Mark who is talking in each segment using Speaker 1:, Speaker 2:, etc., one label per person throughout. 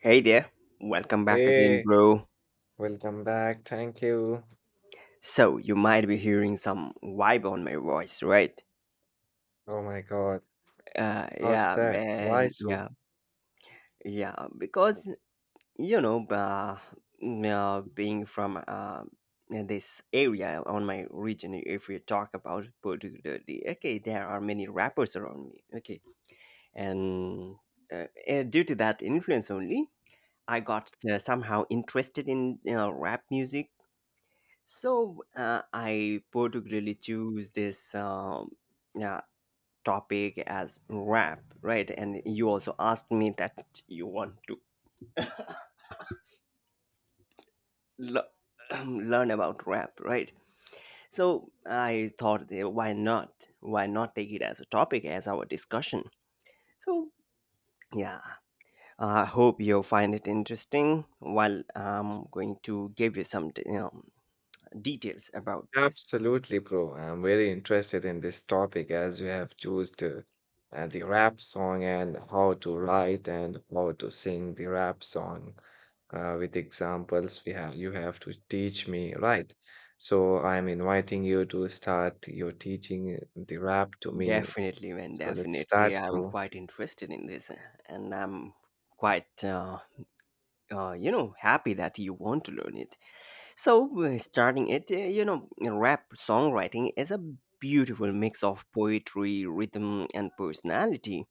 Speaker 1: Hey there, welcome back again,
Speaker 2: Hey,
Speaker 1: bro.
Speaker 2: welcome back. Thank you.
Speaker 1: So, you might be hearing some vibe on my voice, right?
Speaker 2: Oh my God.
Speaker 1: Uh,
Speaker 2: How's
Speaker 1: yeah,
Speaker 2: that? Why
Speaker 1: man,
Speaker 2: so?
Speaker 1: yeah, because you know, uh, being from this area on my region, if we talk about particularly, okay, there are many rappers around me, okay, and due to that influence only, I got somehow interested in rap music. So I particularly choose this yeah, topic as rap, right? And you also asked me that you want to le- learn about rap, right? So I thought, why not? Why not take it as a topic as our discussion? So yeah, I hope you'll find it interesting, while I'm going to give you some, details about this.
Speaker 2: Absolutely, bro. I'm very interested in this topic as you have chosen the rap song and how to write and how to sing the rap song with examples we have you have to teach me, right? So I'm inviting you to start your teaching the rap to me.
Speaker 1: Definitely, man,
Speaker 2: So let's
Speaker 1: definitely.
Speaker 2: start,
Speaker 1: I'm
Speaker 2: bro.
Speaker 1: quite interested in this, and I'm quite, uh, happy that you want to learn it. So, starting it, rap songwriting is a beautiful mix of poetry, rhythm, and personality.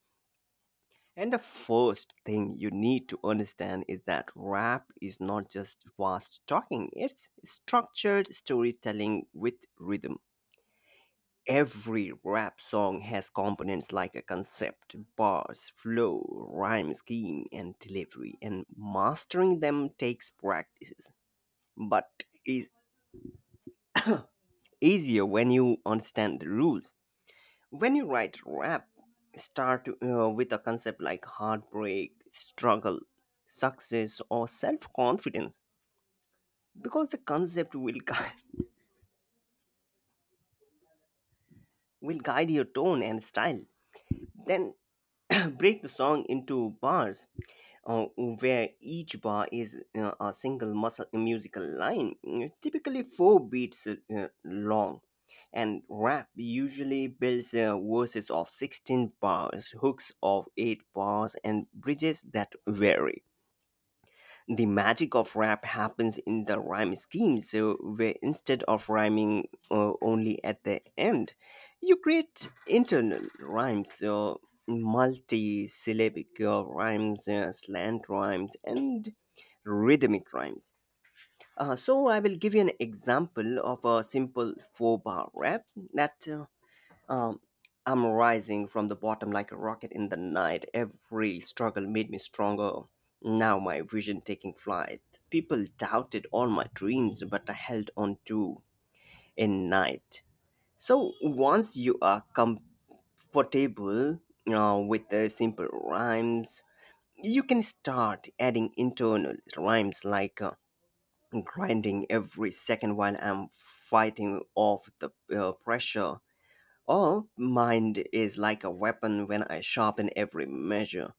Speaker 1: And the first thing you need to understand is that rap is not just fast talking, it's structured storytelling with rhythm. Every rap song has components like a concept, bars, flow, rhyme scheme, and delivery, and mastering them takes practices but is easier when you understand the rules. When you write rap, start with a concept like heartbreak, struggle, success, or self confidence because the concept will, will guide your tone and style. Then break the song into bars where each bar is a single muscle, musical line, mm, typically four beats long. And rap usually builds verses of 16 bars, hooks of 8 bars, and bridges that vary. The magic of rap happens in the rhyme scheme, so where instead of rhyming only at the end, you create internal rhymes, so multi-syllabic rhymes, slant rhymes, and rhythmic rhymes. So I will give you an example of a simple four bar rap that um, I'm rising from the bottom like a rocket in the night. Every struggle made me stronger. Now my vision taking flight. People doubted all my dreams, but I held on to a night. So once you are comfortable with the simple rhymes, you can start adding internal rhymes like grinding every second while I'm fighting off the pressure. Oh, mind is like a weapon when I sharpen every measure.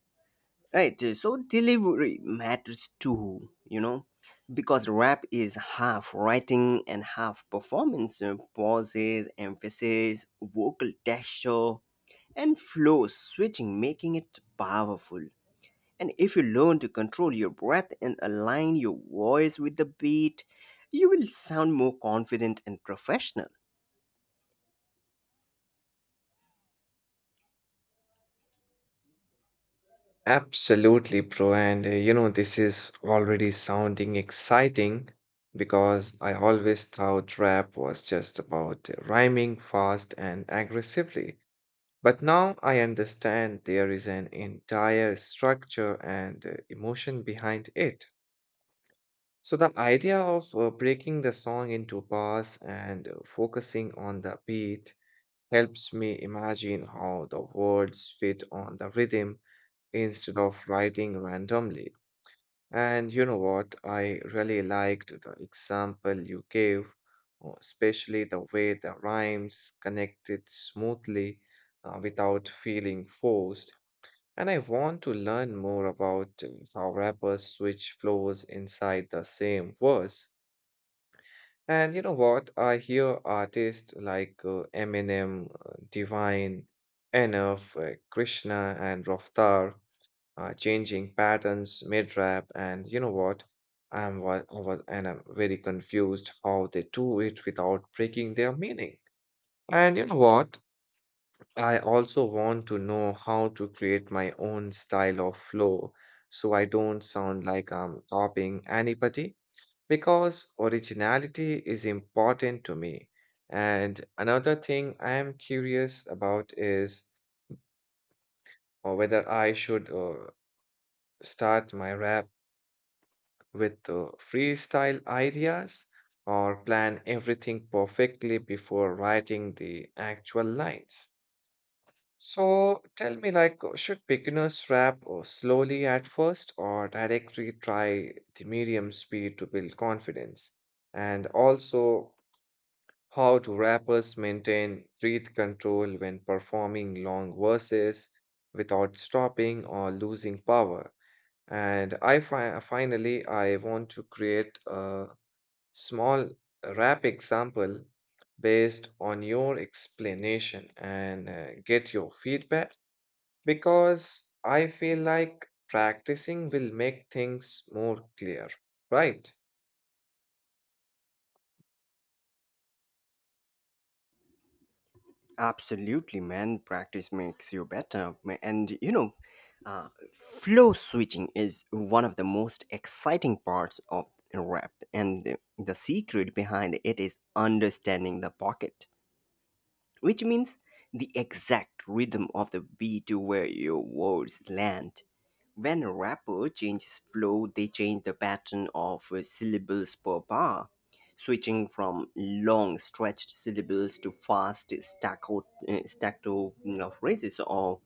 Speaker 1: Right, so delivery matters too, you know, because rap is half writing and half performance. Pauses, emphasis, vocal texture, and flow switching, making it powerful. And if you learn to control your breath and align your voice with the beat, you will sound more confident and professional.
Speaker 2: Absolutely, bro. And this is already sounding exciting because I always thought rap was just about rhyming fast and aggressively. But now I understand there is an entire structure and emotion behind it. So the idea of breaking the song into bars and focusing on the beat helps me imagine how the words fit on the rhythm instead of writing randomly. And you know what? I really liked the example you gave, especially the way the rhymes connected smoothly without feeling forced. And I want to learn more about how rappers switch flows inside the same verse. And you know what? I hear artists like Eminem, Divine, Enough, Krishna, and Roftar changing patterns mid-rap, and you know what? And I'm very confused how they do it without breaking their meaning. And you know what? I also want to know how to create my own style of flow so I don't sound like I'm copying anybody because originality is important to me. And another thing I am curious about is whether I should start my rap with freestyle ideas or plan everything perfectly before writing the actual lines. So tell me, like, should beginners rap slowly at first or directly try the medium speed to build confidence? And also, how do rappers maintain breath control when performing long verses without stopping or losing power? And I fi finally I want to create a small rap example based on your explanation and get your feedback because I feel like practicing will make things more clear, right?
Speaker 1: Absolutely, man. Practice makes you better. And you know, flow switching is one of the most exciting parts of rap, and the secret behind it is understanding the pocket, which means the exact rhythm of the beat where your words land. When a rapper changes flow, they change the pattern of syllables per bar, switching from long stretched syllables to fast staccato you know, phrases, or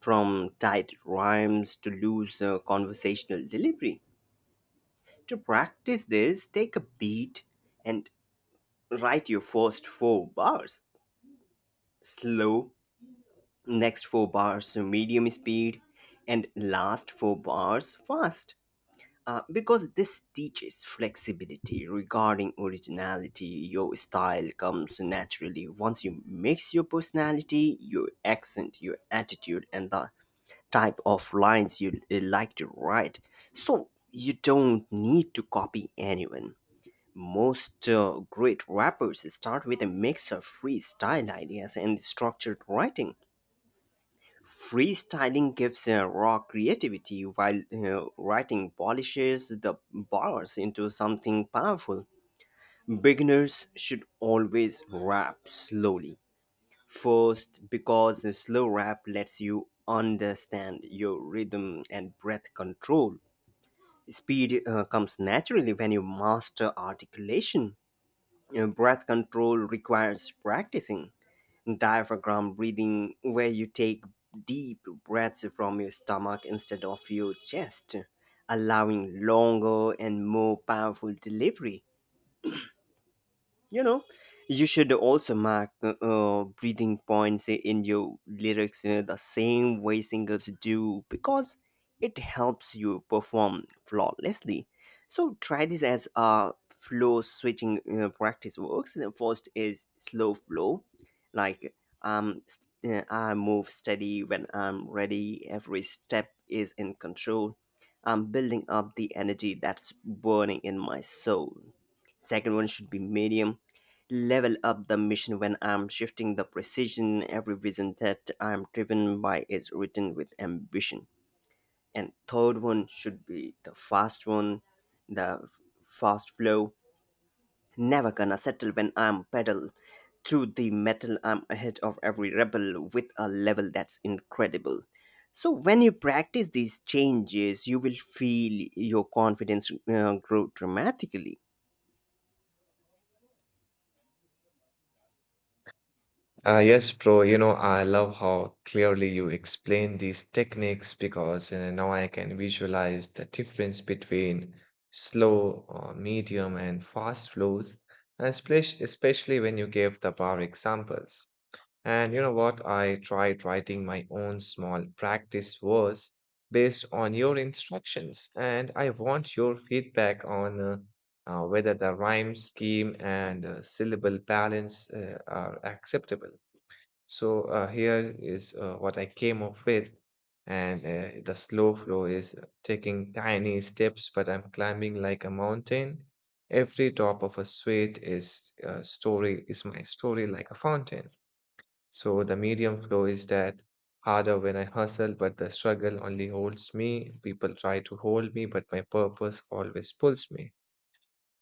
Speaker 1: from tight rhymes to loose conversational delivery. To practice this, take a beat and write your first four bars slow, next four bars so medium speed, and last four bars fast, because this teaches flexibility. Regarding originality, your style comes naturally once you mix your personality, your accent, your attitude, and the type of lines you like to write, so you don't need to copy anyone. Most great rappers start with a mix of freestyle ideas and structured writing. Freestyling gives raw creativity, while writing polishes the bars into something powerful. Beginners should always rap slowly. First, because a slow rap lets you understand your rhythm and breath control. Speed comes naturally when you master articulation. Breath control requires practicing diaphragm breathing, where you take deep breaths from your stomach instead of your chest, allowing longer and more powerful delivery. You know, you should also mark breathing points in your lyrics the same way singers do, because it helps you perform flawlessly. So try this as a flow switching practice works. The first is slow flow, like um st- I move steady when I'm ready, every step is in control, I'm building up the energy that's burning in my soul. Second one should be medium. Level up the mission when I'm shifting the precision. Every vision that I'm driven by is written with ambition. And third one should be the fast one, the f- fast flow. Never gonna settle when I'm pedal through the metal. I'm ahead of every rebel with a level that's incredible. So when you practice these changes, you will feel your confidence grow dramatically.
Speaker 2: Yes, bro. I love how clearly you explain these techniques because now I can visualize the difference between slow, medium, and fast flows, and especially when you gave the bar examples. And you know what? I tried writing my own small practice verse based on your instructions, and I want your feedback on whether the rhyme scheme and syllable balance are acceptable. So here is what I came up with, and the slow flow is taking tiny steps, but I'm climbing like a mountain. Every drop of a sweat is my story like a fountain. So the medium flow is that harder when I hustle, but the struggle only holds me. People try to hold me, but my purpose always pulls me.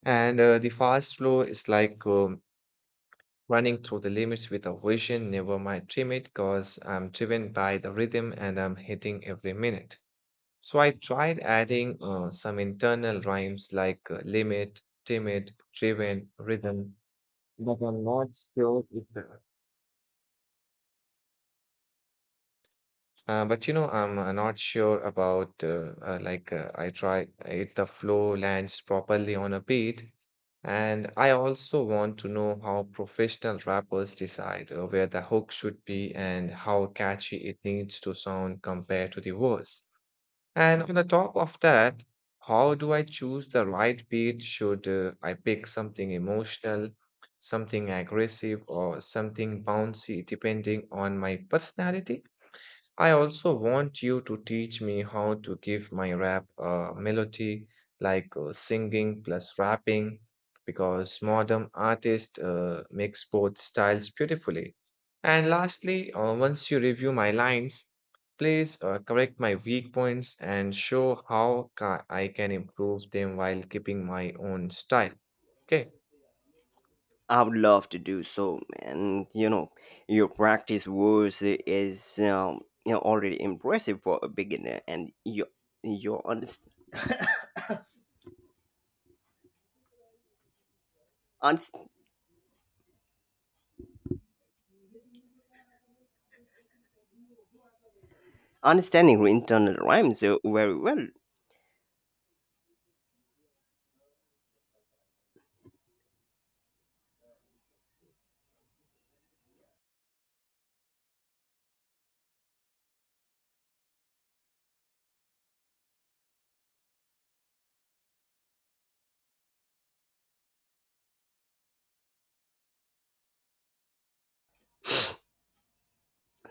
Speaker 2: And the fast flow is like running through the limits with a vision, never my trim because I'm driven by the rhythm and I'm hitting every minute. So I tried adding some internal rhymes like limit, timid, driven, rhythm, but I'm not sure if but I'm not sure about like I try if the flow lands properly on a beat, and I also want to know how professional rappers decide where the hook should be and how catchy it needs to sound compared to the verse. And on the top of that, how do I choose the right beat? Should I pick something emotional, something aggressive, or something bouncy, depending on my personality? I also want you to teach me how to give my rap a melody like singing plus rapping because modern artists mix both styles beautifully. And lastly, once you review my lines, please correct my weak points and show how I can improve them while keeping my own style. Okay.
Speaker 1: I would love to do so, and you know, your practice was is you know, already impressive for a beginner, and your your underst- underst- understanding internal rhymes very well.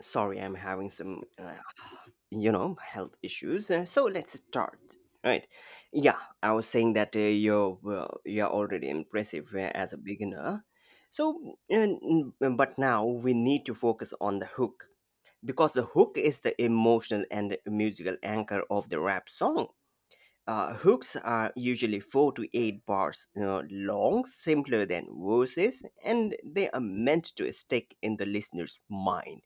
Speaker 1: Sorry, I'm having some you know, health issues, so let's start. Right? Yeah, I was saying that you're already impressive as a beginner. So, and, but now we need to focus on the hook, because the hook is the emotional and musical anchor of the rap song. Hooks are usually 4 to 8 bars, you know, long, simpler than verses, and they are meant to stick in the listener's mind,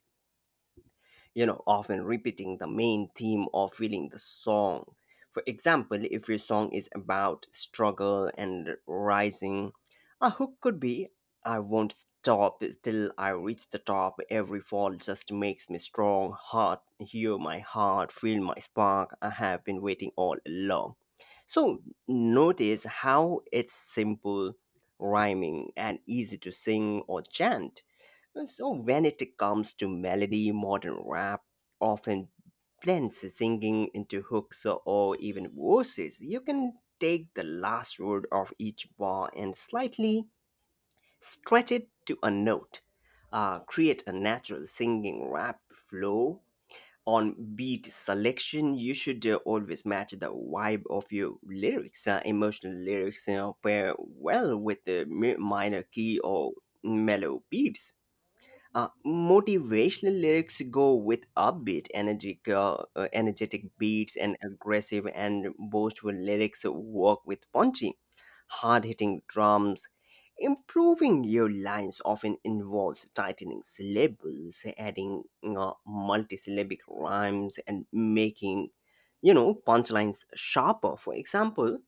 Speaker 1: you know, often repeating the main theme or feeling the song. For example, if your song is about struggle and rising, a hook could be, I won't stop till I reach the top. Every fall just makes me strong. Heart, hear my heart, feel my spark. I have been waiting all along. So notice how it's simple, rhyming, and easy to sing or chant. So, when it comes to melody, modern rap often blends singing into hooks or even verses. You can take the last word of each bar and slightly stretch it to a note, create a natural singing rap flow. On beat selection, you should always match the vibe of your lyrics. Emotional lyrics pair well with the minor key or mellow beats. Motivational lyrics go with upbeat, energetic, energetic beats, and aggressive and boastful lyrics work with punchy, hard-hitting drums. Improving your lines often involves tightening syllables, adding multisyllabic rhymes, and making, you know, punchlines sharper. For example,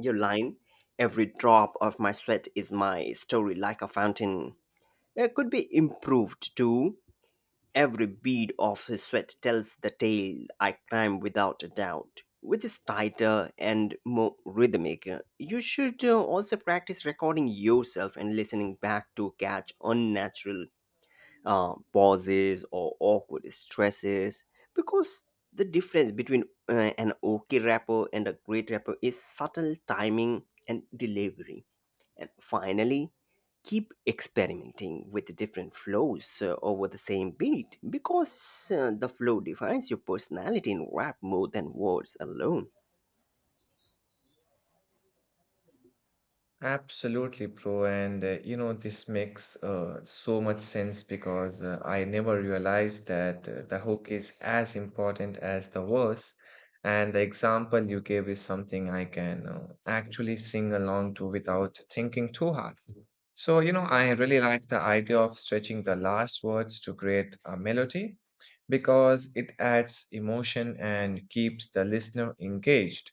Speaker 1: your line, "Every drop of my sweat is my story, like a fountain." Could be improved too. Every bead of sweat tells the tale I climb without a doubt, which is tighter and more rhythmic. You should also practice recording yourself and listening back to catch unnatural pauses or awkward stresses, because the difference between an okay rapper and a great rapper is subtle timing and delivery. And finally, keep experimenting with different flows over the same beat, because the flow defines your personality in rap more than words alone.
Speaker 2: Absolutely, bro. And this makes so much sense because I never realized that the hook is as important as the verse. And the example you gave is something I can actually sing along to without thinking too hard. So, I really like the idea of stretching the last words to create a melody because it adds emotion and keeps the listener engaged.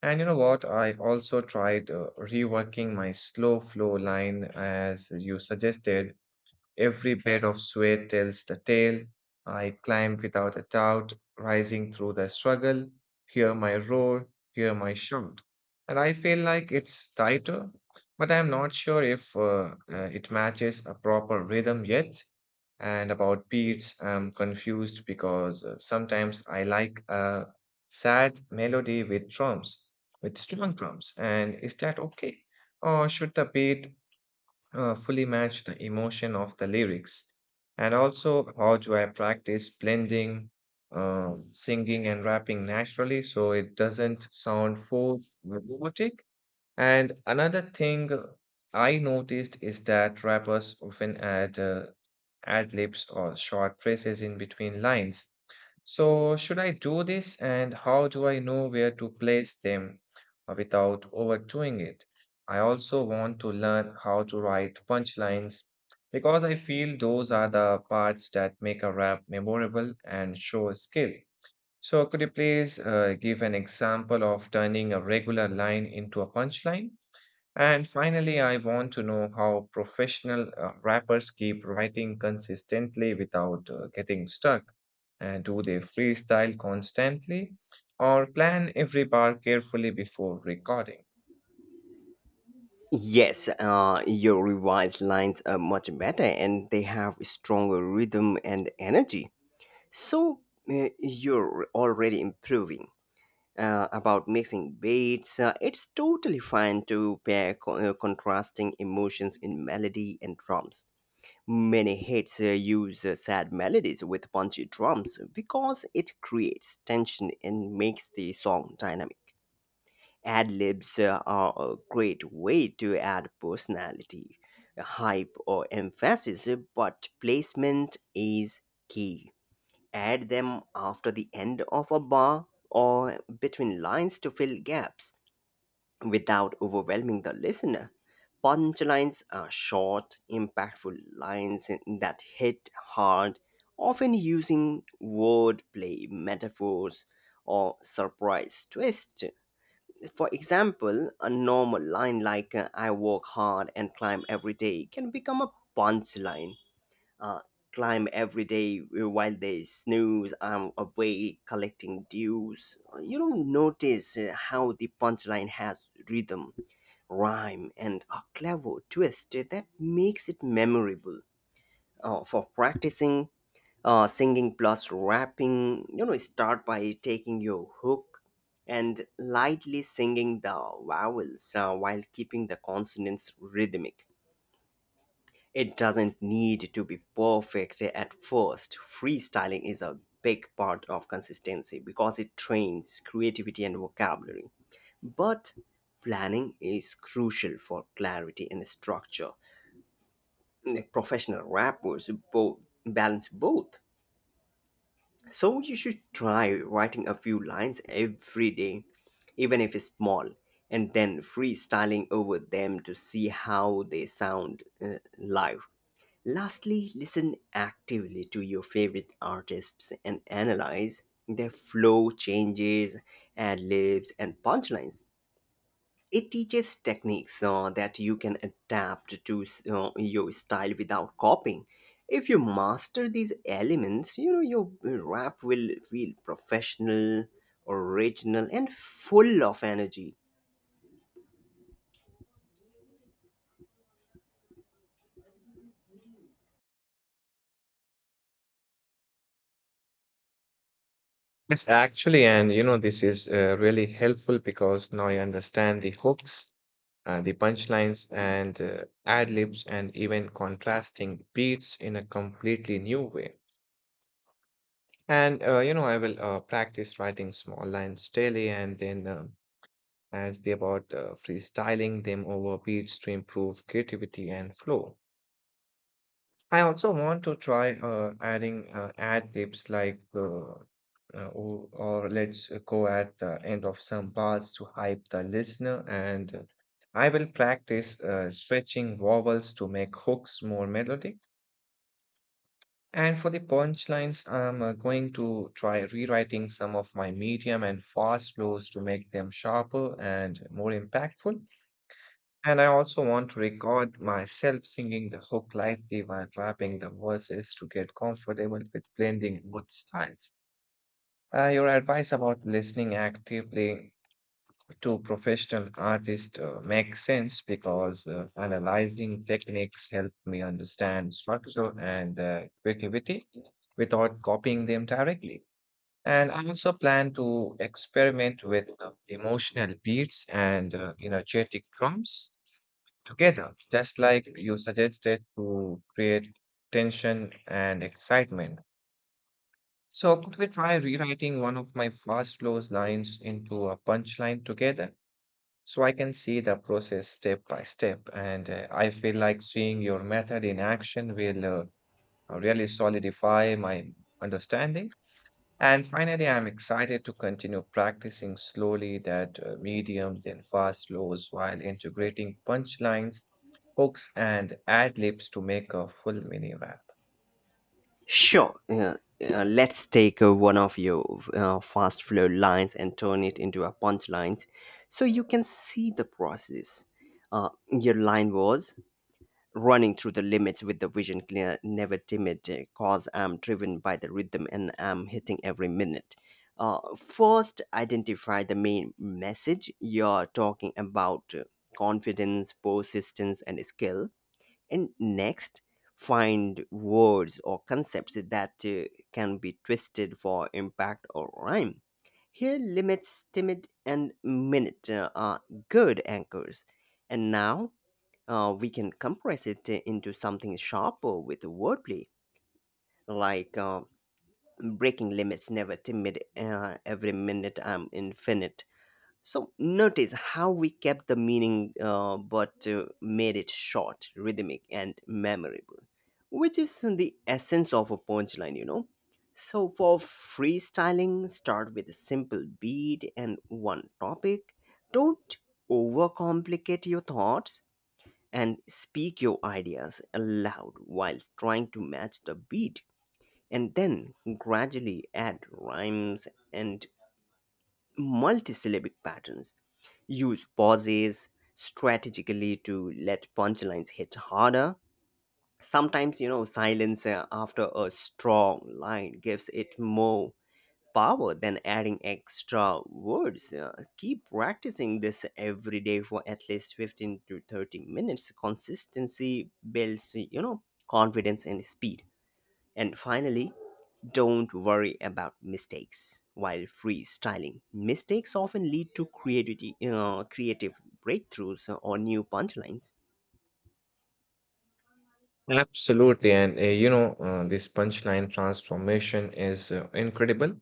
Speaker 2: And you know what? I also tried reworking my slow flow line as you suggested. Every bed of sweat tells the tale. I climb without a doubt, rising through the struggle. Hear my roar, hear my shout. And I feel like it's tighter, but I'm not sure if it matches a proper rhythm yet. And about beats, I'm confused because sometimes I like a sad melody with strong drums. And is that okay? Or should the beat fully match the emotion of the lyrics? And also, how do I practice blending singing and rapping naturally so it doesn't sound forced or robotic? And another thing I noticed is that rappers often add ad libs or short phrases in between lines. So, should I do this and how do I know where to place them without overdoing it? I also want to learn how to write punchlines because I feel those are the parts that make a rap memorable and show skill. So, could you please give an example of turning a regular line into a punchline? And finally, I want to know how professional rappers keep writing consistently without getting stuck. And do they freestyle constantly or plan every bar carefully before recording?
Speaker 1: Yes, your revised lines are much better and they have stronger rhythm and energy. So you're already improving. About mixing beats, it's totally fine to pair contrasting emotions in melody and drums. Many hits use sad melodies with punchy drums, because it creates tension and makes the song dynamic. Ad libs are a great way to add personality, hype, or emphasis, but placement is key. Add them after the end of a bar or between lines to fill gaps without overwhelming the listener. Punchlines are short, impactful lines that hit hard, often using wordplay, metaphors, or surprise twists. For example, a normal line like I work hard and climb every day can become a punchline. Uh, Climb every day while they snooze, I'm away collecting dues. You don't notice how the punchline has rhythm, rhyme, and a clever twist that makes it memorable. For practicing singing plus rapping, you know, start by taking your hook and lightly singing the vowels while keeping the consonants rhythmic. It doesn't need to be perfect at first. Freestyling is a big part of consistency, because it trains creativity and vocabulary. But planning is crucial for clarity and structure. Professional rappers both balance both. So you should try writing a few lines every day, even if it's small, and then freestyling over them to see how they sound live. Lastly, listen actively to your favorite artists and analyze their flow changes, ad libs, and punchlines. It teaches techniques that you can adapt to your style without copying. If you master these elements, you know, your rap will feel professional, original, and full of energy.
Speaker 2: Yes, actually, and this is really helpful because now I understand the hooks, the punchlines, and ad libs, and even contrasting beats in a completely new way. And I will practice writing small lines daily and then as they about freestyling them over beats to improve creativity and flow. I also want to try adding ad libs like or let's go at the end of some bars to hype the listener and I will practice stretching vowels to make hooks more melodic. And for the punchlines, I'm going to try rewriting some of my medium and fast flows to make them sharper and more impactful. And I also want to record myself singing the hook lightly while rapping the verses to get comfortable with blending both styles. Your advice about listening actively to professional artists makes sense because analyzing techniques help me understand structure and creativity without copying them directly. And I also plan to experiment with emotional beats and energetic drums together, just like you suggested to create tension and excitement. So, could we try rewriting one of my fast flows lines into a punchline together? So, I can see the process step by step, and I feel like seeing your method in action will really solidify my understanding. And finally, I'm excited to continue practicing slowly that medium, then fast slows while integrating punchlines, hooks, and ad libs to make a full mini rap.
Speaker 1: Sure. Let's take one of your fast flow lines and turn it into a punchline so you can see the process. Your line was, "Running through the limits with the vision clear, never timid, cause I'm driven by the rhythm and I'm hitting every minute." First, identify the main message you're talking about, confidence, persistence, and skill. And next, find words or concepts that can be twisted for impact or rhyme. Here, limits, timid, and minute are good anchors. And now, we can compress it into something sharper with wordplay, like breaking limits, never timid, every minute I'm infinite. So notice how we kept the meaning but made it short, rhythmic, and memorable, which is the essence of a punchline, you know. So for freestyling, start with a simple beat and one topic. Don't overcomplicate your thoughts, and speak your ideas aloud while trying to match the beat. And then gradually add rhymes and multisyllabic patterns, use pauses strategically to let punchlines hit harder. Sometimes, you know, silence after a strong line gives it more power than adding extra words. Keep practicing this every day for at least 15 to 30 minutes. Consistency builds, you know, confidence and speed. And finally, don't worry about mistakes while freestyling. Mistakes often lead to creativity, creative breakthroughs or new punchlines.
Speaker 2: Absolutely. This punchline transformation is incredible.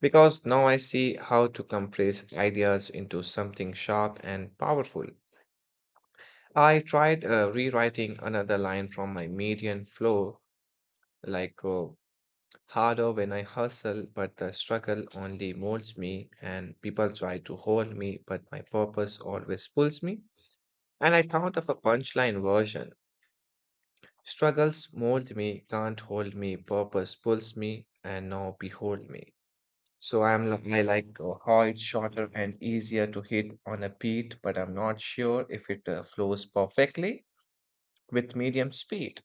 Speaker 2: Because now I see how to compress ideas into something sharp and powerful. I tried rewriting another line from my median flow, like harder when I hustle, but the struggle only molds me, and people try to hold me, but my purpose always pulls me. And I thought of a punchline version struggles mold me, can't hold me, purpose pulls me, and now behold me. So I like how it's shorter and easier to hit on a beat, but I'm not sure if it flows perfectly with medium speed.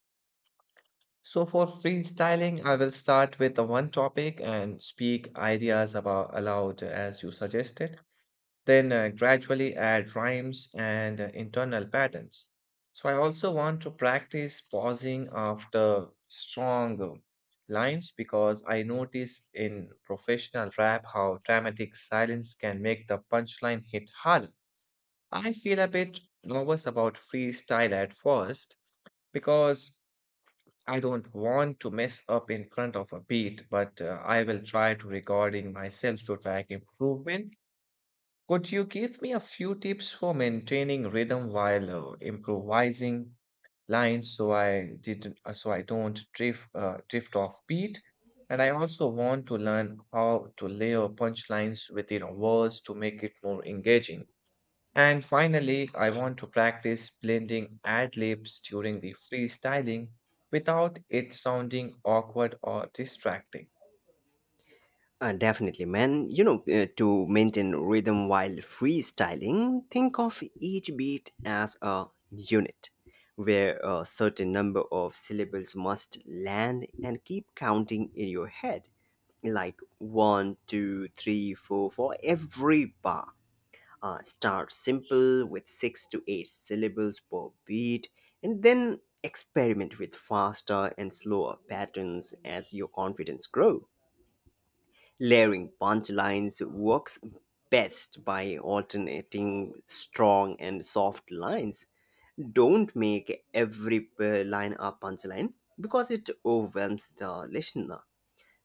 Speaker 2: So for freestyling, I will start with the one topic and speak ideas about aloud as you suggested then gradually add rhymes and internal patterns. So I also want to practice pausing after strong lines because I notice in professional rap how dramatic silence can make the punchline hit harder. I feel a bit nervous about freestyle at first because I don't want to mess up in front of a beat, but I will try to recording myself to track improvement could you give me a few tips for maintaining rhythm while improvising lines so I don't drift off beat? And I also want to learn how to layer punchlines within a verse to make it more engaging. And finally, I want to practice blending ad libs during the freestyling without it sounding awkward or distracting.
Speaker 1: Definitely, man. You know, to maintain rhythm while freestyling, think of each beat as a unit where a certain number of syllables must land, and keep counting in your head like one, two, three, four for every bar. Start simple with six to eight syllables per beat, and then experiment with faster and slower patterns as your confidence grows. Layering punchlines works best by alternating strong and soft lines. Don't make every line a punchline because it overwhelms the listener.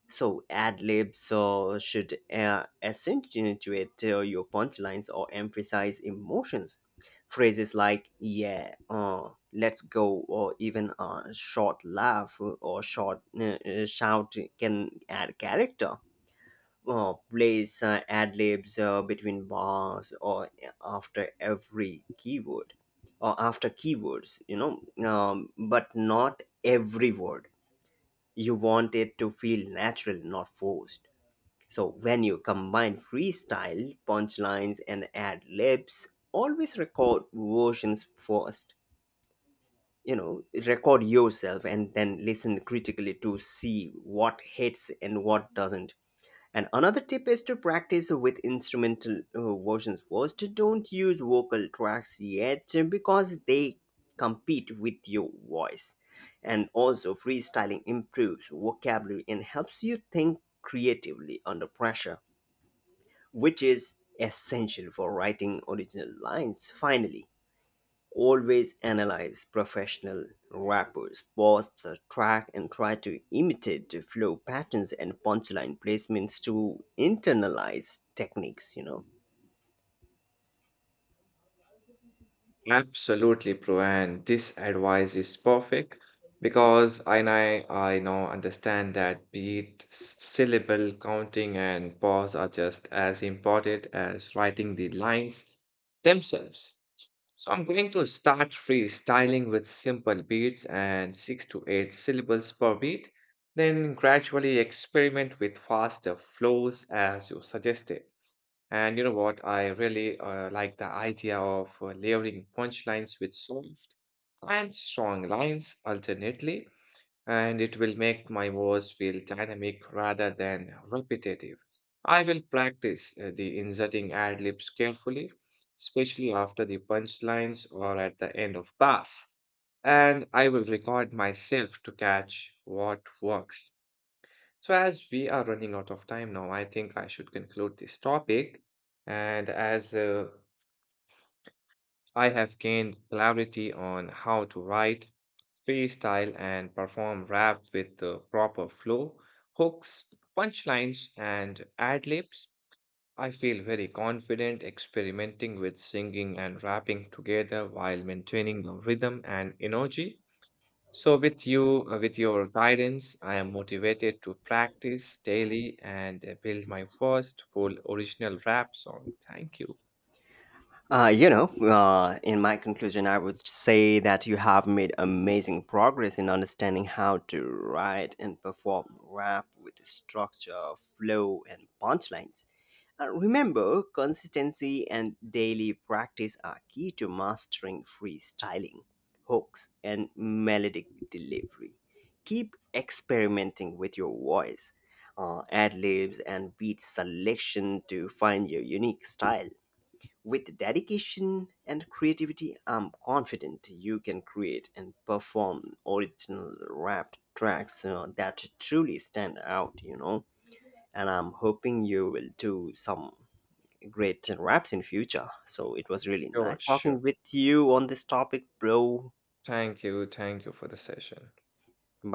Speaker 1: So ad libs should accentuate your punchlines or emphasize emotions. Phrases like "yeah," "let's go," or even a short laugh or short shout can add character. Place ad libs between bars or after every keyword, or after keywords, you know, but not every word. You want it to feel natural, not forced. So when you combine freestyle, punchlines, and ad libs, always record versions first. You know, record yourself and then listen critically to see what hits and what doesn't. And another tip is to practice with instrumental versions first. Don't use vocal tracks yet because they compete with your voice. And also, freestyling improves vocabulary and helps you think creatively under pressure, which is essential for writing original lines. Finally, always analyze professional rappers, pause the track, and try to imitate the flow patterns and punchline placements to internalize techniques, you know.
Speaker 2: Absolutely, Pro, and this advice is perfect because I know, I now understand that beat, syllable counting, and pause are just as important as writing the lines themselves. So I'm going to start freestyling with simple beats and six to eight syllables per beat, then gradually experiment with faster flows as you suggested. And you know what? I really like the idea of layering punchlines with soft and strong lines alternately, and it will make my verse feel dynamic rather than repetitive. I will practice the inserting ad libs carefully, especially after the punchlines or at the end of bars. And I will record myself to catch what works. So, as we are running out of time now, I think I should conclude this topic. And as I have gained clarity on how to write, freestyle, and perform rap with the proper flow, hooks, punchlines, and ad libs, I feel very confident experimenting with singing and rapping together while maintaining the rhythm and energy. So, with your guidance, I am motivated to practice daily and build my first full original rap song. Thank you.
Speaker 1: You know, in my conclusion, I would say that you have made amazing progress in understanding how to write and perform rap with structure, flow, and punchlines. Remember, consistency and daily practice are key to mastering freestyling, hooks, and melodic delivery. Keep experimenting with your voice, ad libs, and beat selection to find your unique style. With dedication and creativity, I'm confident you can create and perform original rap tracks that truly stand out, you know. And I'm hoping you will do some great raps in future. So it was really
Speaker 2: Sure,
Speaker 1: nice talking
Speaker 2: sure.
Speaker 1: with you on this topic, bro.
Speaker 2: Thank you. Thank you for the session.
Speaker 1: Bye.